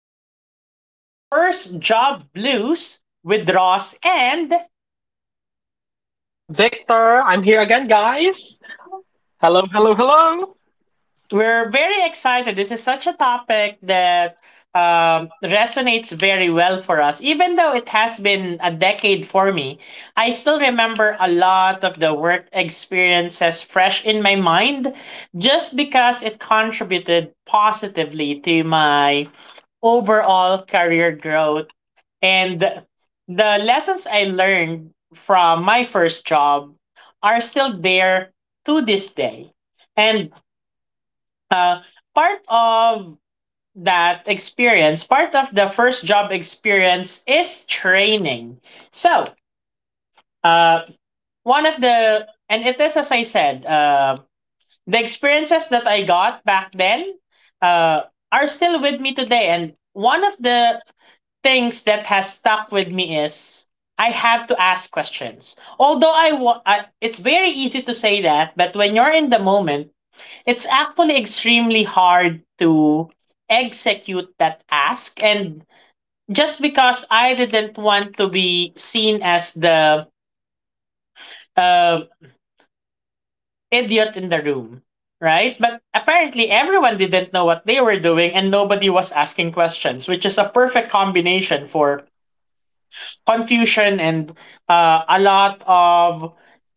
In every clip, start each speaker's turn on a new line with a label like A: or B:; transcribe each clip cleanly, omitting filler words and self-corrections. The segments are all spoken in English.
A: about first job blues with Ross and
B: Victor, I'm here again, guys. Hello, hello, hello.
A: we're very excited. This is such a topic that resonates very well for us. Even though it has been a decade for me, I still remember a lot of the work experiences fresh in my mind just because it contributed positively to my overall career growth. And the lessons I learned from my first job are still there to this day. And uh, part of that experience, part of the first job experience is training. So, uh, one of and it is as I said, the experiences that I got back then uh, are still with me today. And one of the things that has stuck with me is I have to ask questions. Although I, it's very easy to say that, but when you're in the moment, it's actually extremely hard to execute that ask and just because I didn't want to be seen as the uh, idiot in the room, right? But apparently everyone didn't know what they were doing and nobody was asking questions, which is a perfect combination for confusion and a lot of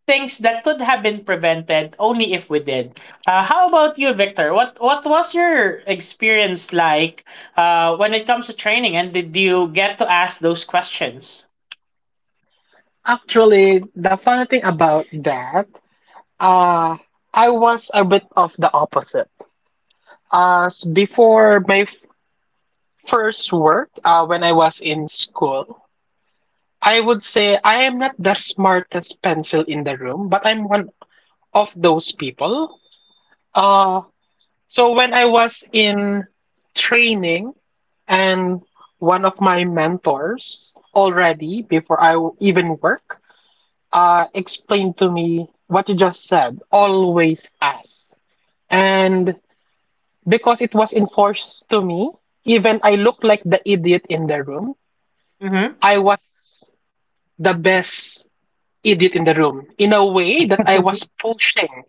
A: things that could have been prevented only if we did. How about you, Victor? What was your experience like when it comes to training, and did you get to ask those questions?
B: Actually, the funny thing about that, uh, I was a bit of the opposite. As before my first work, when I was in school, I would say I am not the smartest pencil in the room, but I'm one of those people. Uh, So when I was in training, and one of my mentors already before I even work explained to me what you just said, always ask. And because it was enforced to me, even I looked like the idiot in the room,
A: Mm-hmm.
B: I was the best idiot in the room in a way that I was pushing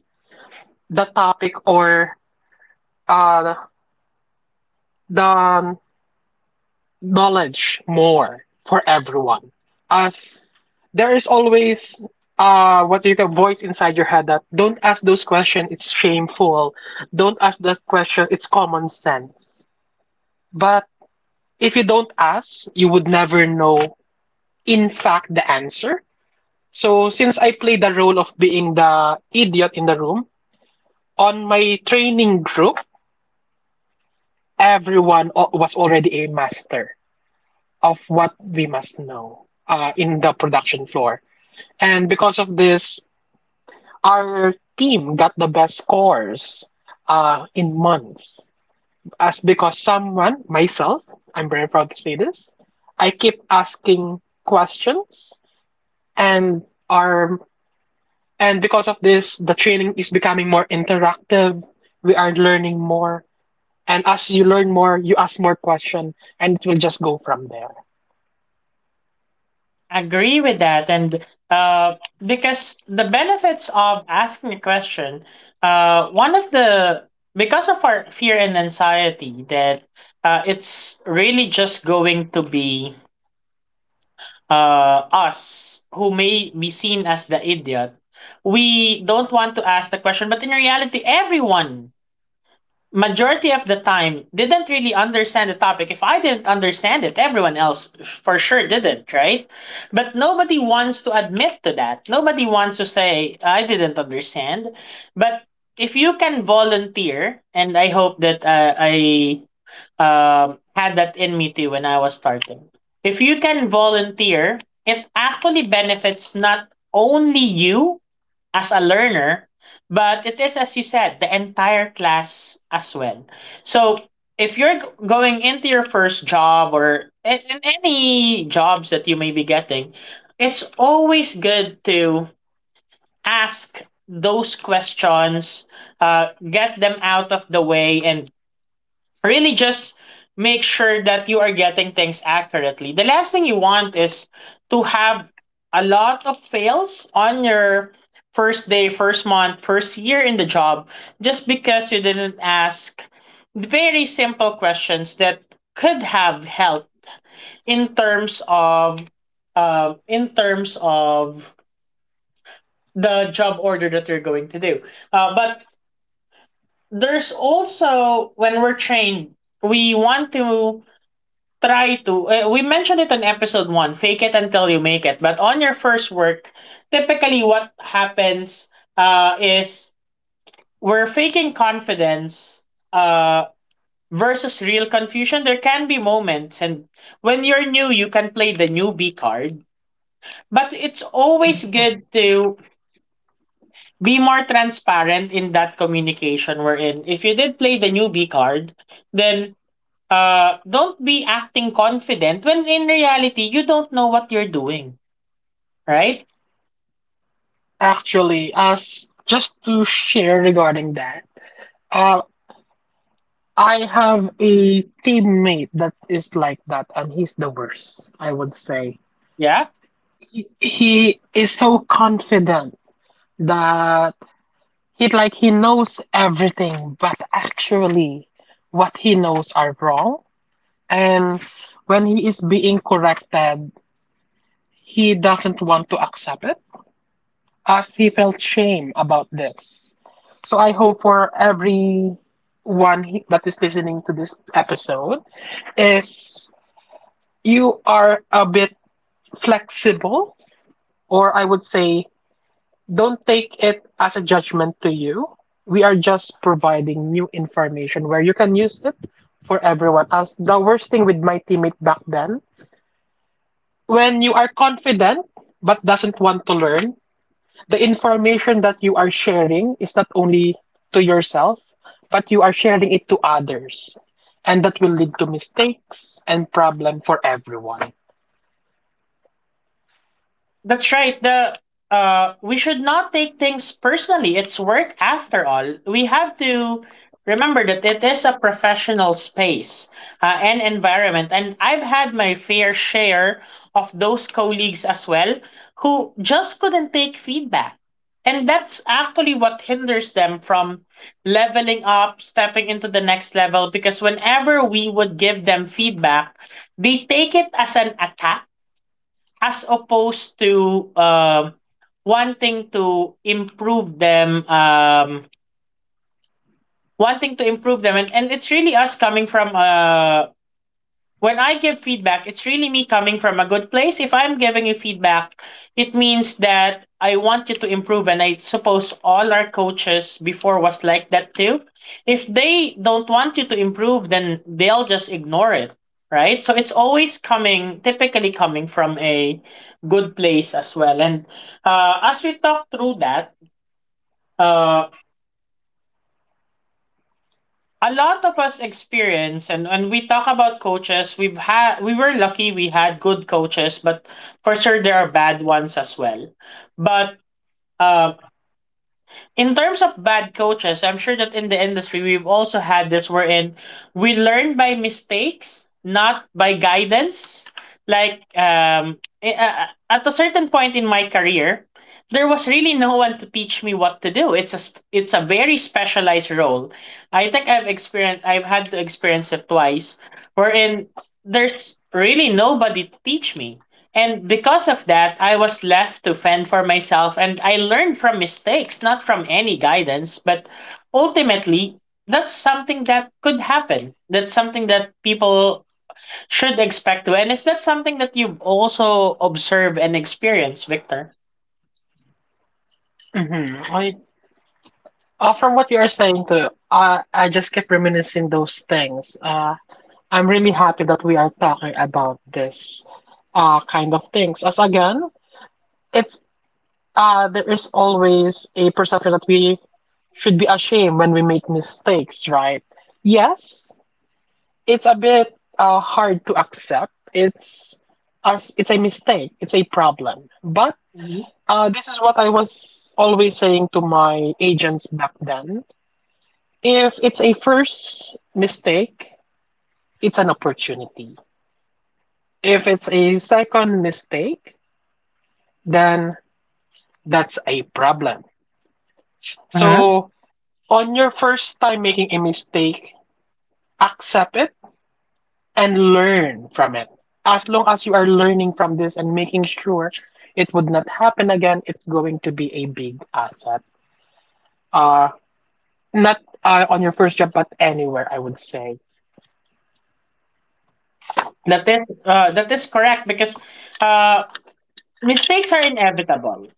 B: the topic, or uh, the knowledge, more for everyone. As there is always what you can voice inside your head that don't ask those questions, it's shameful. Don't ask that question, it's common sense. But if you don't ask, you would never know in fact the answer. So since I play the role of being the idiot in the room, on my training group, everyone was already a master of what we must know in the production floor. And because of this, our team got the best scores in months. As because someone, myself, I'm very proud to say this, I keep asking questions, and our and because of this, the training is becoming more interactive. We are learning more. And as you learn more, you ask more questions, and it will just go from there.
A: Agree with that. And uh, because the benefits of asking a question, one of the, because of our fear and anxiety that, it's really just going to be, us who may be seen as the idiot, we don't want to ask the question. But in reality, everyone, majority of the time, didn't really understand the topic. If I didn't understand it, everyone else for sure didn't, right? But nobody wants to admit to that. Nobody wants to say, I didn't understand. But if you can volunteer, and I hope that I had that in me too when I was starting. If you can volunteer, it actually benefits not only you as a learner, but it is, as you said, the entire class as well. So if going into your first job, or in any jobs that you may be getting, it's always good to ask those questions, get them out of the way, and really just make sure that you are getting things accurately. The last thing you want is to have a lot of fails on your first day, first month, first year in the job just because you didn't ask very simple questions that could have helped in terms of, uh, in terms of the job order that you're going to do. But there's also, when we're trained, we want to try to we mentioned it on episode 1, fake it until you make it. But on your first work, typically what happens, is we're faking confidence uh versus real confusion. There can be moments, and when you're new, you can play the newbie card, but it's always good
B: Mm.
A: to be more transparent in that communication. We're in, if you did play the newbie card, then don't be acting confident when in reality you don't know what you're doing, right?
B: Actually, as just to share regarding that, uh. I have a teammate that is like that, and he's the worst, I would say.
A: Yeah,
B: He is so confident that he knows everything, but actually what he knows are wrong. And when he is being corrected, he doesn't want to accept it as he felt shame about this. So I hope for everyone that is listening to this episode is you are a bit flexible, or I would say, don't take it as a judgment to you. We are just providing new information where you can use it for everyone else. The worst thing with my teammate back then, when you are confident but doesn't want to learn, the information that you are sharing is not only to yourself, but you are sharing it to others. And that will lead to mistakes and problem for everyone.
A: that's right. The we should not take things personally. It's work after all. We have to remember that it is a professional space and environment. And I've had my fair share of those colleagues as well who just couldn't take feedback. And that's actually what hinders them from leveling up, stepping into the next level, because whenever we would give them feedback, they take it as an attack as opposed to wanting to improve them um wanting to improve them. And it's really us coming from a, when I give feedback, it's really me coming from a good place. If I'm giving you feedback, it means that I want you to improve. And I suppose all our coaches before was like that too. If they don't want you to improve, then they'll just ignore it. Right. So it's always coming, typically coming from a good place as well. And as we talk through that, uh, a lot of us experience, and when we talk about coaches we've had, we were lucky we had good coaches, but for sure there are bad ones as well. But um in terms of bad coaches, I'm sure that in the industry we've also had this, wherein we learn by mistakes, not by guidance. Like, at a certain point in my career, there was really no one to teach me what to do. It's it's a very specialized role. I think I've had to experience it twice, wherein there's really nobody to teach me. And because of that, I was left to fend for myself, and I learned from mistakes, not from any guidance. But ultimately, that's something that could happen. That's something that people should expect to. And is that something that you've also observed and experienced, Victor?
B: Mhm. I From what you are saying too, I just keep reminiscing those things. I'm really happy that we are talking about this kind of things. As again, it's there is always a perception that we should be ashamed when we make mistakes, right? Yes, it's a bit hard to accept. It's as it's a mistake. It's a problem. But
A: Mhm.
B: this is what I was always saying to my agents back then. If it's a first mistake, it's an opportunity. If it's a second mistake, then that's a problem.
A: Uh-huh.
B: So, on your first time making a mistake, accept it and learn from it. As long as you are learning from this and making sure it would not happen again, it's going to be a big asset. Uh, Not on your first job, but anywhere, I would say.
A: That is, that is correct because, uh, mistakes are inevitable.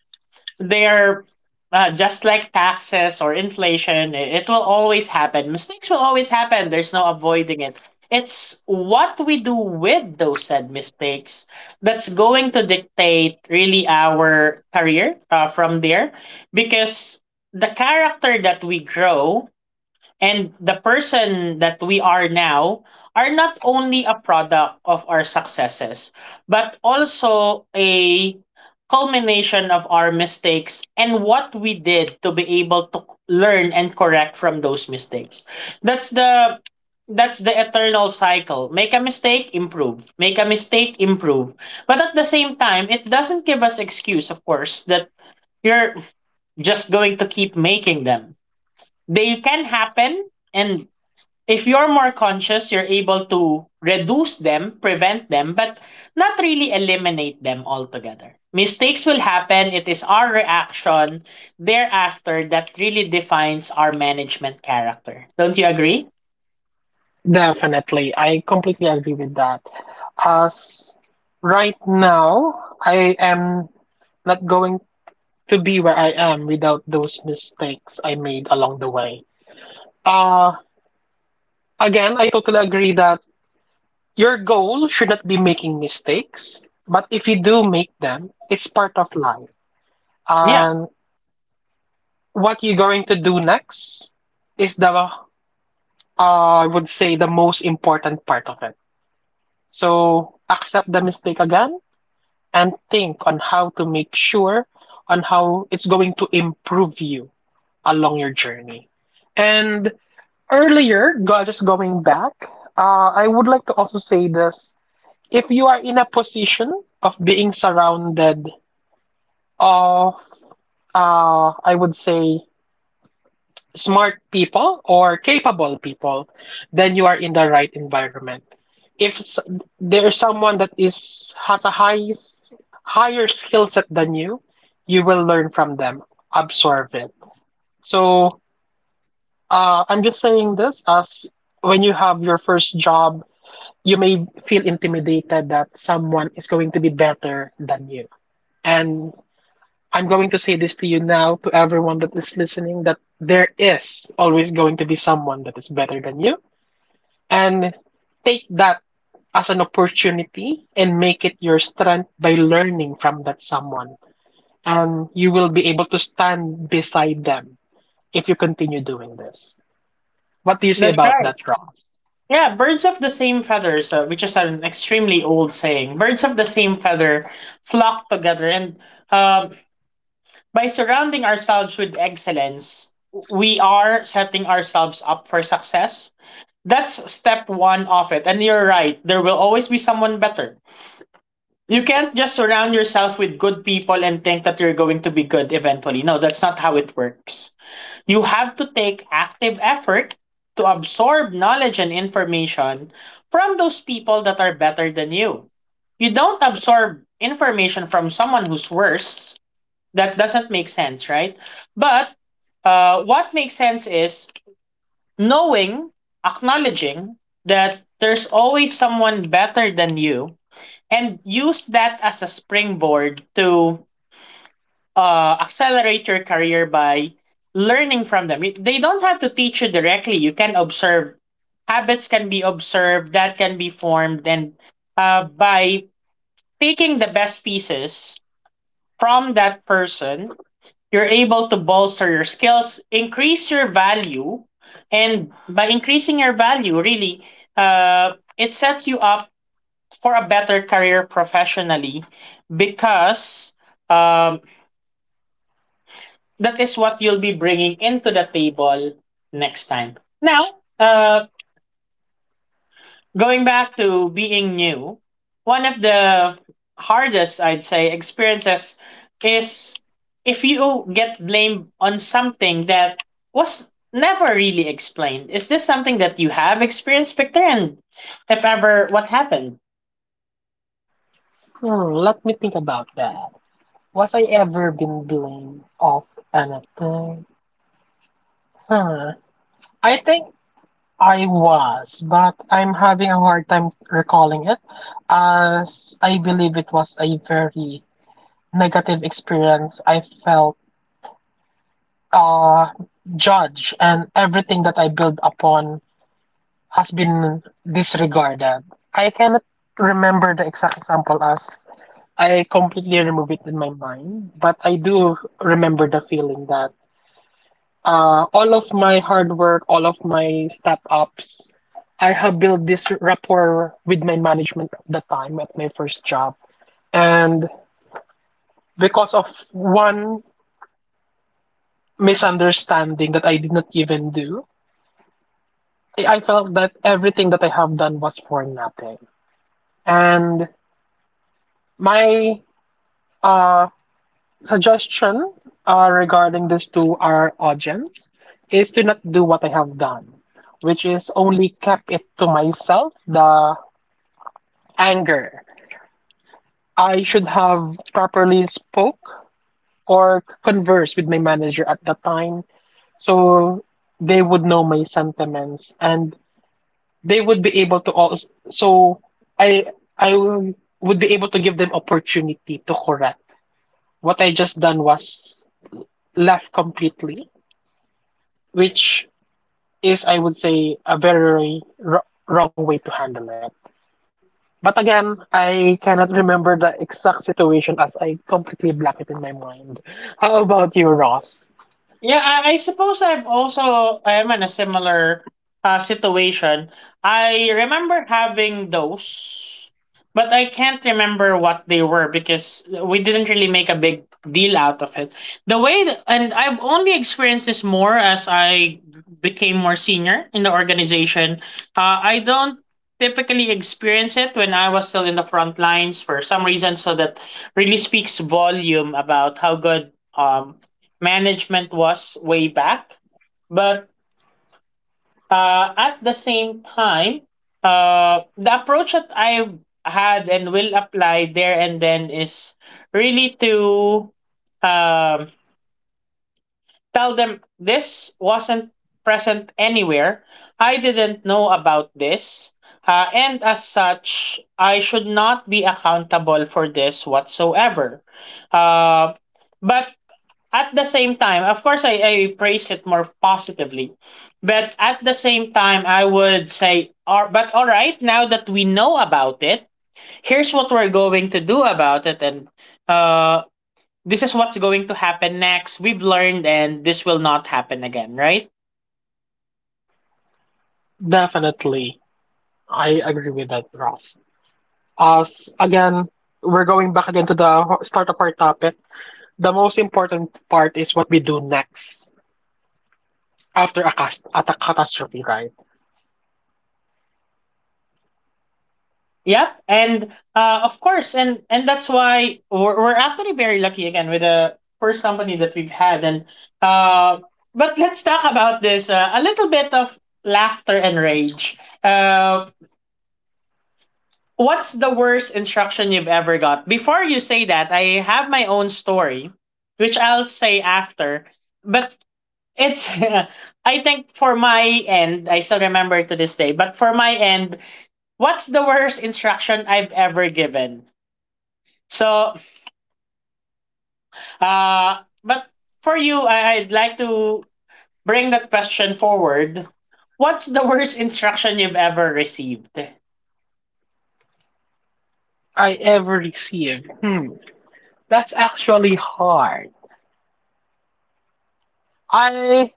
A: They're just like taxes or inflation, it will always happen. Mistakes will always happen. There's no avoiding it. It's what we do with those said mistakes that's going to dictate really our career, from there, because the character that we grow and the person that we are now are not only a product of our successes, but also a culmination of our mistakes and what we did to be able to learn and correct from those mistakes. That's the that's the eternal cycle. Make a mistake, improve. Make a mistake, improve. But at the same time, it doesn't give us excuse, of course, that you're just going to keep making them. They can happen, and if you're more conscious, you're able to reduce them, prevent them, but not really eliminate them altogether. Mistakes will happen. It is our reaction thereafter that really defines our management character. Don't you agree?
B: Definitely. I completely agree with that. As right now, I am not going to be where I am without those mistakes I made along the way. Uh, Again, I totally agree that your goal should not be making mistakes, but if you do make them, it's part of life.
A: Yeah,
B: And what you're going to do next is the, I would say, the most important part of it. So accept the mistake again and think on how to make sure on how it's going to improve you along your journey. And earlier, just going back, I would like to also say this. If you are in a position of being surrounded of, I would say, smart people or capable people, then you are in the right environment. If there is someone that is has a higher skill set than you, you will learn from them, absorb it. So I'm just saying this as when you have your first job, you may feel intimidated that someone is going to be better than you. And I'm going to say this to you now, to everyone that is listening, that there is always going to be someone that is better than you. And take that as an opportunity and make it your strength by learning from that someone. And you will be able to stand beside them if you continue doing this. What do you say
A: that's
B: about
A: right.
B: that, Ross?
A: Yeah, birds of the same feathers, which is an extremely old saying, birds of the same feather flock together. And um, by surrounding ourselves with excellence, we are setting ourselves up for success. That's step one of it. And you're right, there will always be someone better. You can't just surround yourself with good people and think that you're going to be good eventually. No, that's not how it works. You have to take active effort to absorb knowledge and information from those people that are better than you. You don't absorb information from someone who's worse. That doesn't make sense, right? But what makes sense is knowing, acknowledging that there's always someone better than you, and use that as a springboard to accelerate your career by learning from them. They don't have to teach you directly, you can observe. Habits can be observed, that can be formed, and by taking the best pieces from that person, you're able to bolster your skills, increase your value, and by increasing your value, really, it sets you up for a better career professionally because um, that is what you'll be bringing into the table next time. Now, uh, going back to being new, one of the hardest, I'd say, experiences is if you get blamed on something that was never really explained. Is this something that you have experienced, Victor? And if ever, what happened?
B: Hmm, let me think about that. Was I ever been blamed of anything? Huh. I think I was, but I'm having a hard time recalling it, as I believe it was a very negative experience. I felt uh, judged, and everything that I built upon has been disregarded. I cannot remember the exact example as I completely remove it in my mind, but I do remember the feeling that all of my hard work, all of my step ups, I have built this rapport with my management at the time at my first job. And because of one misunderstanding that I did not even do, I felt that everything that I have done was for nothing. And my uh, suggestion regarding this to our audience is to not do what I have done, which is only kept it to myself, the anger. I should have properly spoke or conversed with my manager at that time so they would know my sentiments, and they would be able to also so I I would be able to give them opportunity to correct. What I just done was left completely, which is I would say a very wrong way to handle it. But again, I cannot remember the exact situation as I completely black it in my mind. How about you, Ross?
A: Yeah, I suppose I'm also I'm in a similar situation. I remember having those, but I can't remember what they were because we didn't really make a big deal out of it. The way and I've only experienced this more as I became more senior in the organization. I don't typically experience it when I was still in the front lines for some reason. So that really speaks volume about how good. Um, Management was way back. But at the same time, the approach that I've had and will apply there and then is really to um, tell them this wasn't present anywhere. I didn't know about this. And as such, I should not be accountable for this whatsoever. Uh, but at the same time, of course, I praise it more positively. But at the same time, I would say, or, but all right, now that we know about it, here's what we're going to do about it. And uh, this is what's going to happen next. We've learned, and this will not happen again, right?
B: Definitely. I agree with that, Ross. As again, we're going back again to the start of our topic. The most important part is what we do next after a, at a catastrophe, right?
A: Yep, and of course, and that's why we're actually very lucky again with the first company that we've had, and uh, but let's talk about this a little bit of laughter and rage. Uh, what's the worst instruction you've ever got? Before you say that, I have my own story, which I'll say after, but it's, I think for my end, I still remember to this day. But for my end, what's the worst instruction I've ever given? So, but for you, I'd like to bring that question forward. What's the worst instruction you've ever received?
B: I ever receive. Hmm, that's actually hard. I,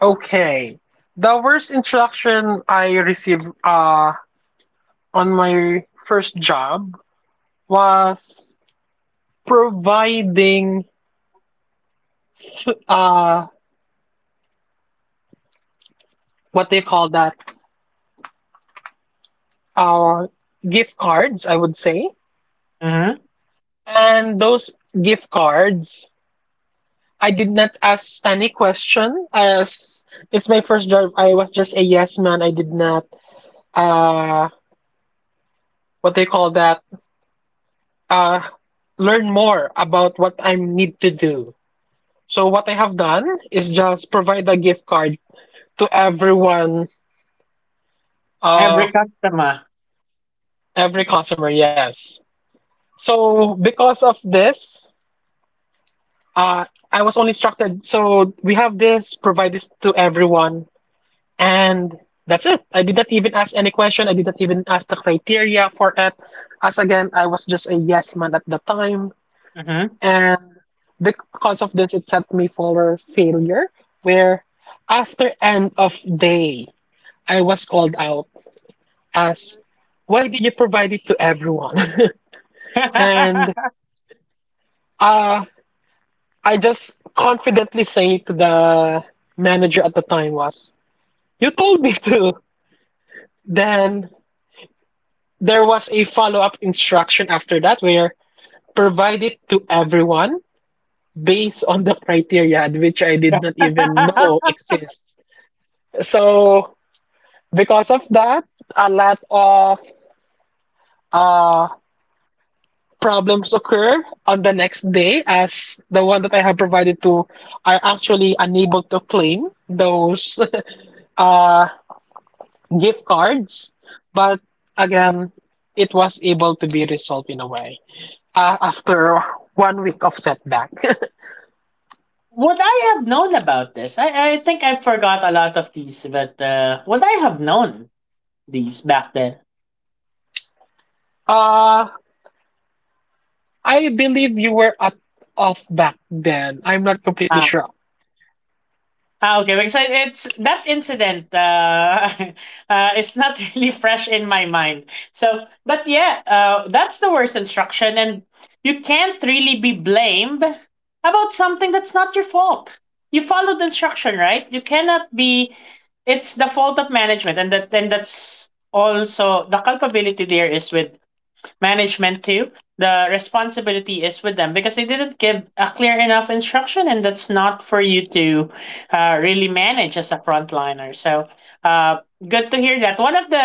B: okay. The worst instruction I received on my first job was providing uh what they call that uh gift cards, I would say.
A: Mm-hmm.
B: And those gift cards, I did not ask any question, as it's my first job, I was just a yes man. I did not uh what they call that uh learn more about what I need to do. So what I have done is just provide a gift card to everyone, uh
A: Every customer.
B: every customer, yes. So because of this, uh, I was only instructed. So we have this, provide this to everyone, and that's it. I did not even ask any question. I did not even ask the criteria for it. As again, I was just a yes man at the time,
A: Mm-hmm.
B: and because of this, it set me for failure. Where after end of day, I was called out as, "Why did you provide it to everyone?" And uh I just confidently say to the manager at the time was, "You told me to." Then there was a follow-up instruction after that where provide it to everyone based on the criteria which I did not even know exists. So because of that, a lot of uh problems occur on the next day as the one that I have provided to are actually unable to claim those uh gift cards, but again, it was able to be resolved in a way after one week of setback.
A: Would I have known about this? I think I forgot a lot of these, but would I have known these back then?
B: uh, I believe you were at off back then. I'm not completely
A: Uh,
B: sure.
A: Ah, okay, because it's that incident, is not really fresh in my mind. So, but yeah, that's the worst instruction, and you can't really be blamed about something that's not your fault. You followed instruction, right? You cannot be. It's the fault of management, and that's also the culpability there is with management too, the responsibility is with them because they didn't give a clear enough instruction, and that's not for you to really manage as a frontliner. So uh, good to hear that one of the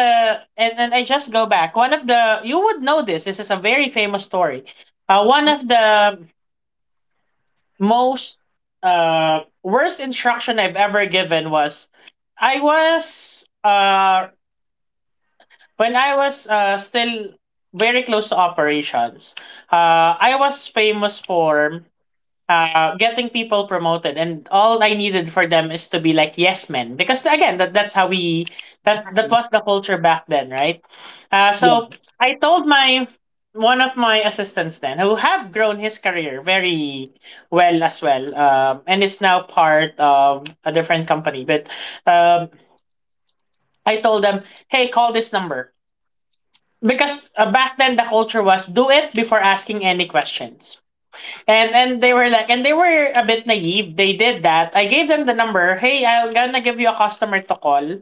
A: and I just go back, one of the, you would know this, this is a very famous story. One of the most worst instruction I've ever given was I was when I was still very close to operations. I was famous for getting people promoted, and all I needed for them is to be like yes men, because again, that's how we, that
B: Mhm.
A: was the culture back then, right? So
B: Yes.
A: I told my, one of my assistants then, who have grown his career very well as well, and is now part of a different company, but um, I told them, hey, call this number, because back then the culture was do it before asking any questions. And they were like, and they were a bit naive, they did that. I gave them the number, hey, I'm gonna give you a customer to call.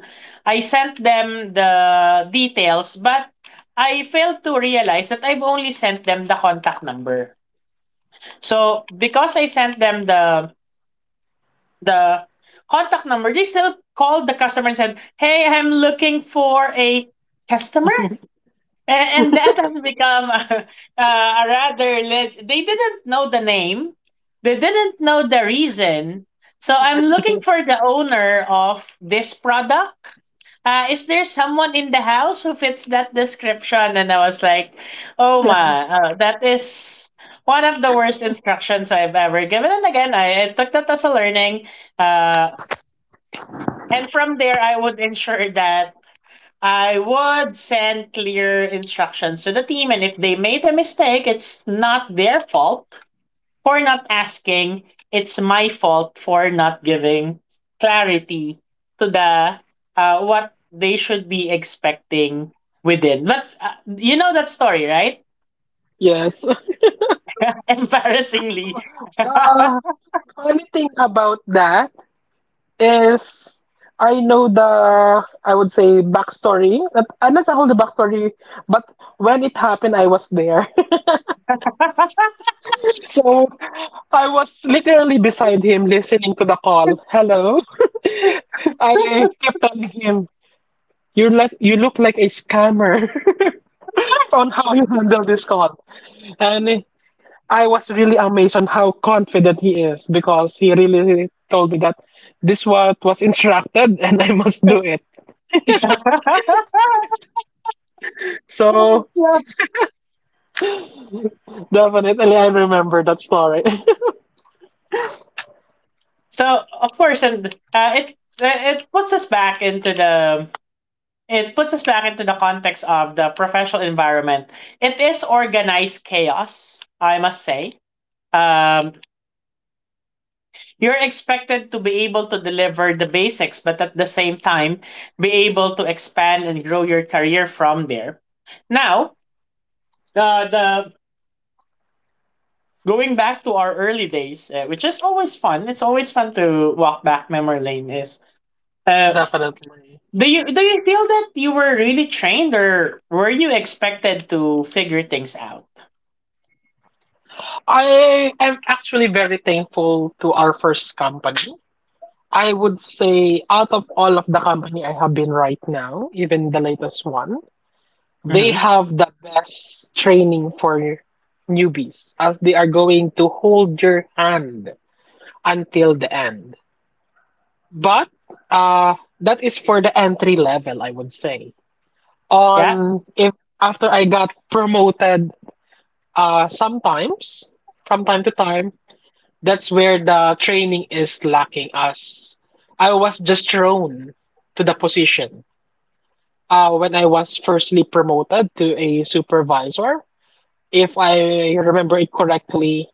A: I sent them the details, but I failed to realize that I've only sent them the contact number. So because I sent them the contact number, they still called the customer and said, hey, I'm looking for a customer. And that has become a, a rather they didn't know the name, they didn't know the reason. So, I'm looking for the owner of this product, is there someone in the house who fits that description? And I was like, oh my, that is one of the worst instructions I've ever given. And I took that as a learning. uh, and from there I would ensure that I would send clear instructions to the team, and if they made a mistake, it's not their fault for not asking. It's my fault for not giving clarity to the what they should be expecting within. But you know that story, right?
B: Yes.
A: Embarrassingly.
B: The funny thing about that is I know the, I would say, backstory. Not, am not all the backstory, but when it happened, I was there. So I was literally beside him listening to the call. Hello. I kept telling him, you look like a scammer on how you handle this call. And I was really amazed on how confident he is because he really told me that this what was instructed and I must do it.
A: Yeah.
B: So definitely I remember that story.
A: So of course, and uh, it it puts us back into the, it puts us back into the context of the professional environment. It is organized chaos, I must say. Um, you're expected to be able to deliver the basics, but at the same time, be able to expand and grow your career from there. Now, the going back to our early days, which is always fun. It's always fun to walk back memory lane. Is uh,
B: Definitely.
A: Do you feel that you were really trained or were you expected to figure things out?
B: I am actually very thankful to our first company. I would say out of all of the company I have been right now, even the latest one, they
A: Hmm.
B: have the best training for newbies as they are going to hold your hand until the end. But that is for the entry level, I would say.
A: Yeah.
B: On if after I got promoted sometimes from time to time, that's where the training is lacking as I was just thrown to the position. When I was firstly promoted to a supervisor, if I remember it correctly,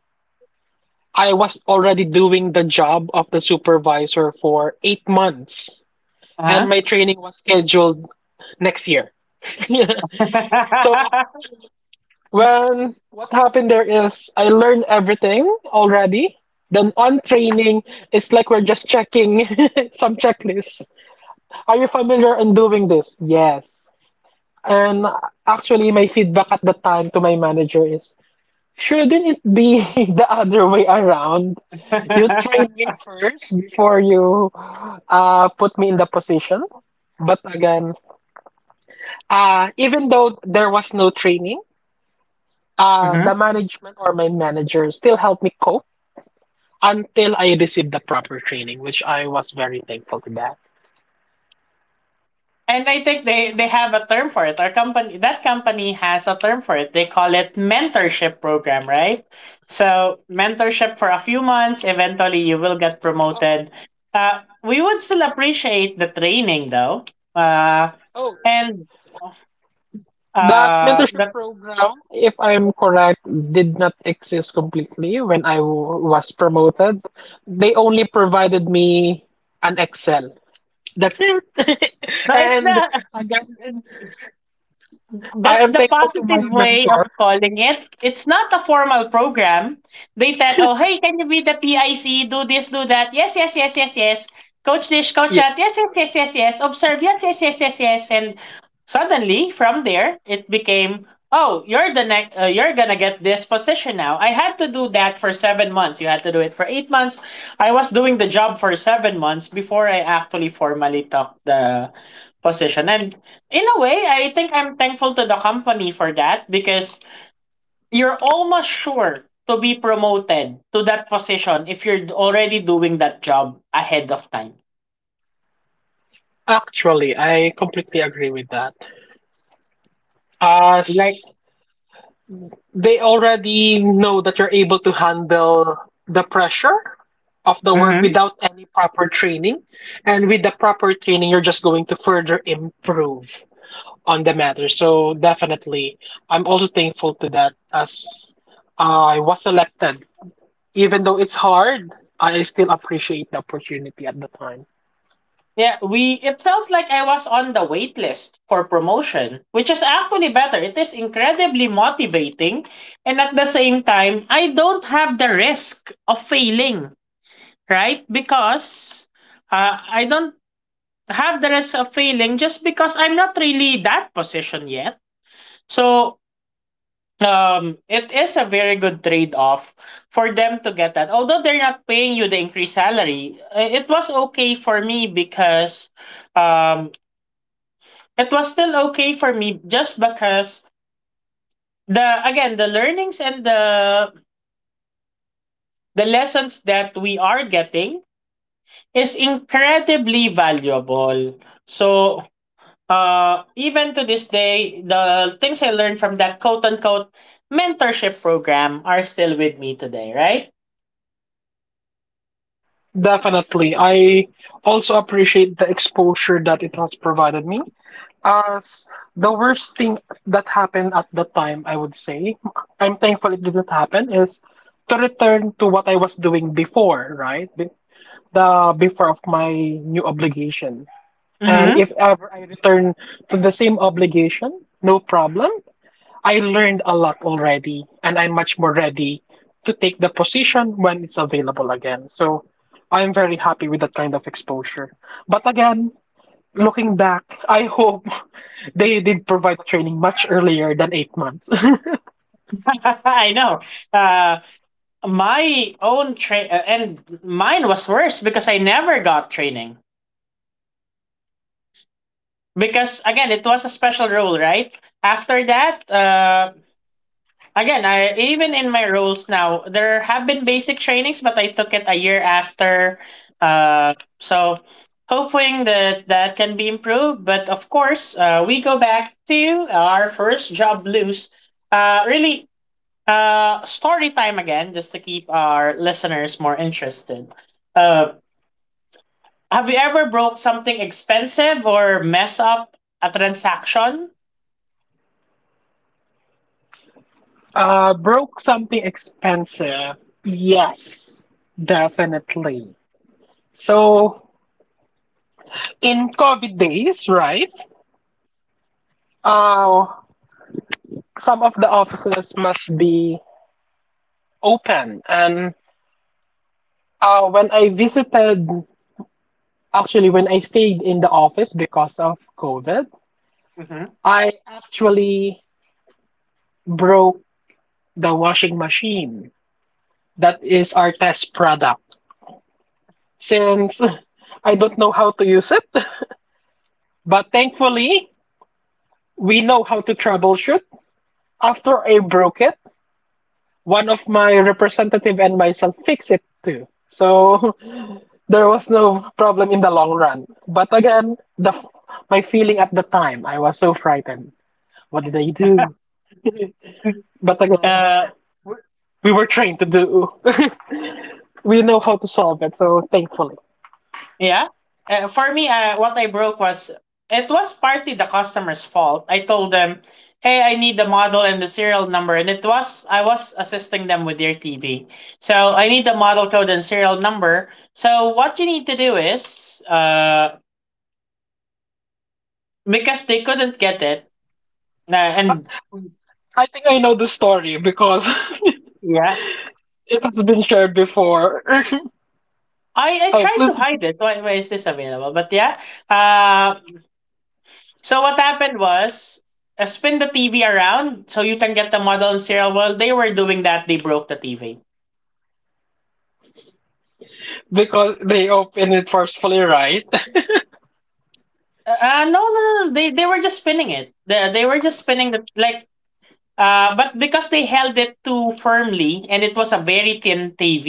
B: I was already doing the job of the supervisor for 8 months, and
A: Uh
B: my training was scheduled next year. So
A: huh.
B: when what happened there is I learned everything already. Then on training, it's like we're just checking some checklists. Are you familiar in doing this? Yes. And actually, my feedback at the time to my manager is, shouldn't it be the other way around? You train me first before you put me in the position. But again, even though there was no training,
A: Hmm.
B: the management or my manager still helped me cope until I received the proper training, which I was very thankful to that.
A: And I think they have a term for it. Our company, that company has a term for it. They call it mentorship program, right? So mentorship for a few months. Eventually, you will get promoted. We would still appreciate the training, though. Uh,
B: Oh,
A: and
B: that
A: uh,
B: mentorship
A: the,
B: program, if I'm correct, did not exist completely when was promoted. They only provided me an Excel. That's it.
A: no, it's
B: And
A: the,
B: again, I
A: that's
B: am
A: the
B: thankful to my
A: positive way of
B: mentor.
A: calling it. It's not a formal program. They tell, oh, hey, can you be the PIC? Do this, do that. Yes, yes, yes, yes, yes. Coach this, coach
B: Yeah,
A: that. Yes, yes, yes, yes, yes. Observe. Yes, yes, yes, yes, yes. And suddenly, from there, it became, oh, you're the next, you're gonna get this position now. I had to do that for 7 months. You had to do it for 8 months. I was doing the job for 7 months before I actually formally took the position. And in a way, I think I'm thankful to the company for that because you're almost sure to be promoted to that position if you're already doing that job ahead of time.
B: actually, I completely agree with that.
A: Like,
B: As they already know that you're able to handle the pressure of the work
A: mhm.
B: without any proper training. And with the proper training, you're just going to further improve on the matter. So definitely, I'm also thankful to that as I was selected. Even though it's hard, I still appreciate the opportunity at the time.
A: Yeah, we, it felt like I was on the wait list for promotion, which is actually better. It is incredibly motivating, and at the same time, I don't have the risk of failing, right? Because I don't have the rest of failing just because I'm not really that position yet. So it is a very good trade-off for them to get that. Although they're not paying you the increased salary, it was okay for me because um it was still okay for me just because the again, the learnings and the lessons that we are getting is incredibly valuable. So even to this day, the things I learned from that quote unquote mentorship program are still with me today, right?
B: Definitely. I also appreciate the exposure that it has provided me, as the worst thing that happened at the time, I would say, I'm thankful it didn't happen, is to return to what I was doing before, right? The before of my new obligation. And
A: Mm-hmm.
B: if ever I return to the same obligation, no problem. I learned a lot already, and I'm much more ready to take the position when it's available again. So I'm very happy with that kind of exposure. But again, looking back, I hope they did provide training much earlier than 8 months.
A: I know. Uh, my own train and mine was worse because I never got training. Because again, it was a special role, right? After that, again, I, even in my roles now, there have been basic trainings, but I took it a year after. Uh, so hoping that that can be improved. But of course, we go back to our first job blues. Uh, really, Story time again, just to keep our listeners more interested. Uh, have you ever broke something expensive or mess up a transaction?
B: Broke something expensive. Yes, definitely. So in COVID days, right? Uh, some of the offices must be open. And when I visited, actually, when I stayed in the office because of COVID,
A: Mhm.
B: I actually broke the washing machine. That is our test product, since I don't know how to use it. But thankfully, we know how to troubleshoot. After I broke it, one of my representative and myself fixed it too. So there was no problem in the long run. But again, my feeling at the time, I was so frightened. What did I do? But again,
A: Uh,
B: we were trained to do. We know how to solve it, so thankfully.
A: yeah. For me, what I broke was, it was partly the customer's fault. I told them, "Hey, I need the model and the serial number," and it was I was assisting them with their TV. So I need the model code and serial number. So what you need to do is, because they couldn't get it,
B: I
A: and
B: I think I know the story because
A: yeah,
B: it has been shared before.
A: I
B: Oh,
A: tried
B: please,
A: to hide it. Why is this available? But yeah, uh, so what happened was, spin the TV around so you can get the model and serial. While they were doing that, they broke the TV.
B: because they open it forcefully, right?
A: No, no, no, no. They were just spinning it. They were just spinning the, like, uh, but because they held it too firmly and it was a very thin TV,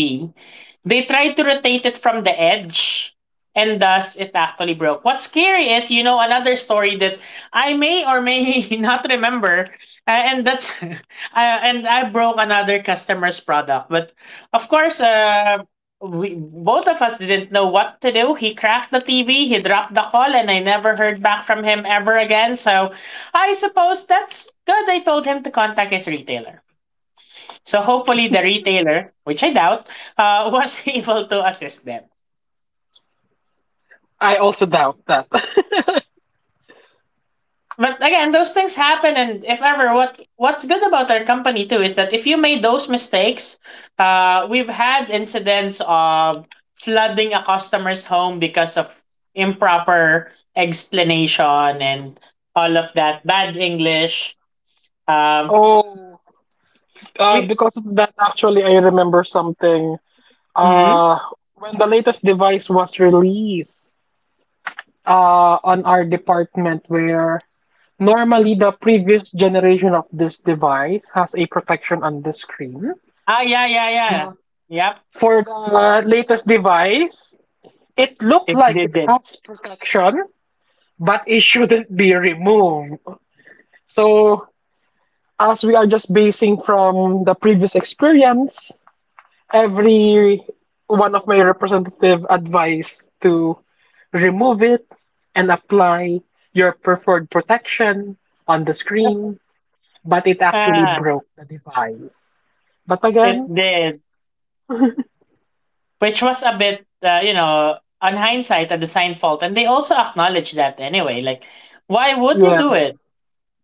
A: they tried to rotate it from the edge and thus it actually broke. What's scary is, you know, another story that I may or may not remember, uh, and that's, uh, and I broke another customer's product. But of course, we, both of us didn't know what to do. He cracked the TV, he dropped the call, and I never heard back from him ever again. So I suppose that's good. I told him to contact his retailer. So hopefully the retailer, which I doubt, was able to assist them.
B: I also doubt that.
A: But again, those things happen, and if ever, what, what's good about our company too is that if you made those mistakes, we've had incidents of flooding a customer's home because of improper explanation and all of that bad English. Um,
B: oh,
A: we,
B: because of that, actually, I remember something.
A: mm,
B: Uh, when the latest device was released, on our department, where normally the previous generation of this device has a protection on the screen.
A: ah, yeah, yeah, yeah, yep,
B: For the latest device, it looked
A: it
B: like
A: did
B: it
A: it.
B: has protection, but it shouldn't be removed. So as we are just basing from the previous experience, every one of my representative advised to remove it and apply your preferred protection on the screen, but it actually
A: Ah,
B: broke the device. But
A: it
B: again,
A: did, which was a bit, you know, on hindsight, a design fault, and they also acknowledged that anyway. Like, why would you do
B: yes.
A: it?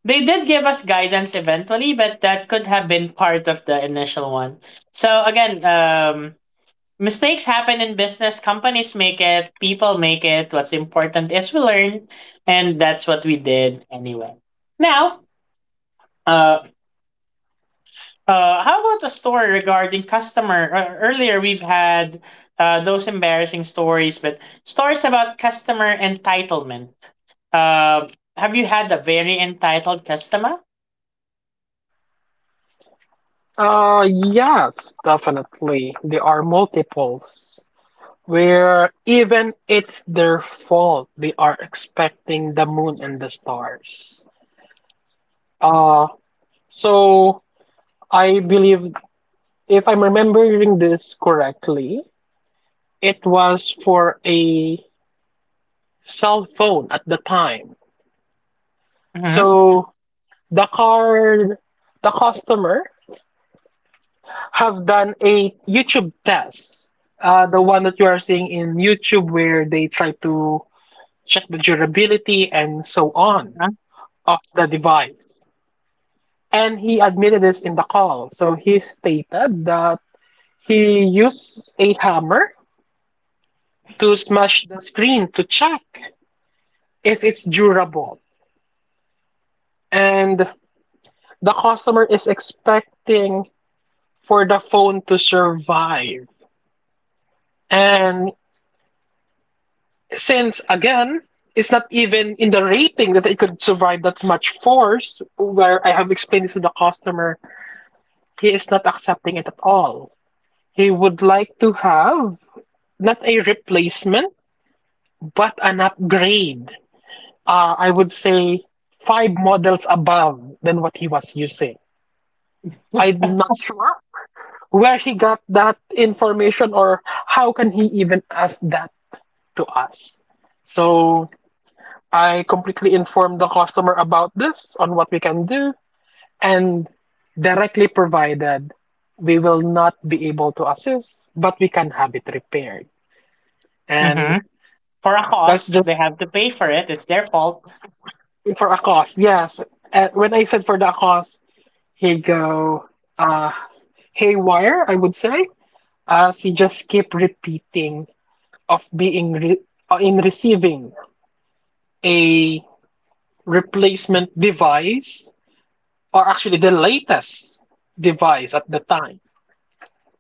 A: They did give us guidance eventually, but that could have been part of the initial one. So again, mistakes happen in business. Companies make it, people make it. What's important is we learn, and that's what we did anyway. Now, uh, how about a story regarding customer? Earlier, we've had those embarrassing stories, but stories about customer entitlement. Uh, have you had a very entitled customer?
B: Yes, definitely. There are multiples where even it's their fault they are expecting the moon and the stars. Uh So I believe, if I'm remembering this correctly, it was for a cell phone at the time.
A: Mm-hmm.
B: So the card, the customer have done a YouTube test, the one that you are seeing in YouTube where they try to check the durability and so on of the device. And he admitted this in the call. So he stated that he used a hammer to smash the screen to check if it's durable. And the customer is expecting for the phone to survive. And since again, it's not even in the rating that it could survive that much force, where I have explained this to the customer, he is not accepting it at all. He would like to have not a replacement, but an upgrade. I would say five models above than what he was using. I'm not sure where he got that information or how can he even ask that to us. So I completely informed the customer about this on what we can do and directly provided we will not be able to assist, but we can have it repaired. And
A: Mm-hmm. For a
B: that's
A: cost, they
B: just
A: have to pay for it. It's their fault.
B: for a cost. Yes. When I said for the cost, he go uh, haywire, I would say, as he just keep repeating of in receiving a replacement device or actually the latest device at the time.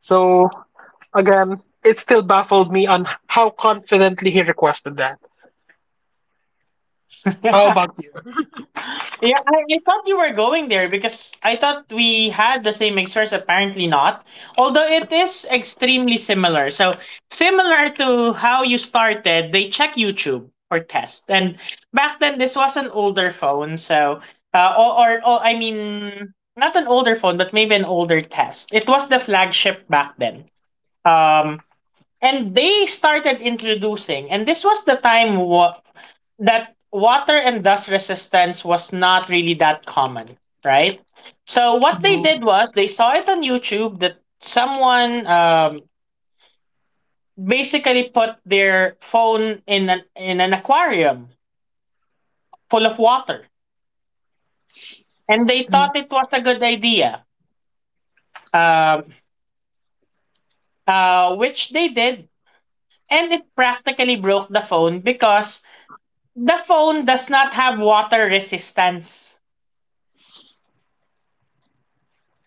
B: So again, it still baffled me on how confidently he requested that. How about
A: Yeah, I thought you were going there because I thought we had the same experience. Apparently not. Although it is extremely similar. So similar to how you started, they check YouTube for test. And back then, this was an older phone. So, or I mean, not an older phone, but maybe an older test. It was the flagship back then. Um, and they started introducing, and this was the time that water and dust resistance was not really that common, right? So what they
B: you?
A: did was they saw it on YouTube that someone basically put their phone in an aquarium full of water, and they
B: Mm,
A: thought it was a good idea. um, which they did, and it practically broke the phone because the phone does not have water resistance.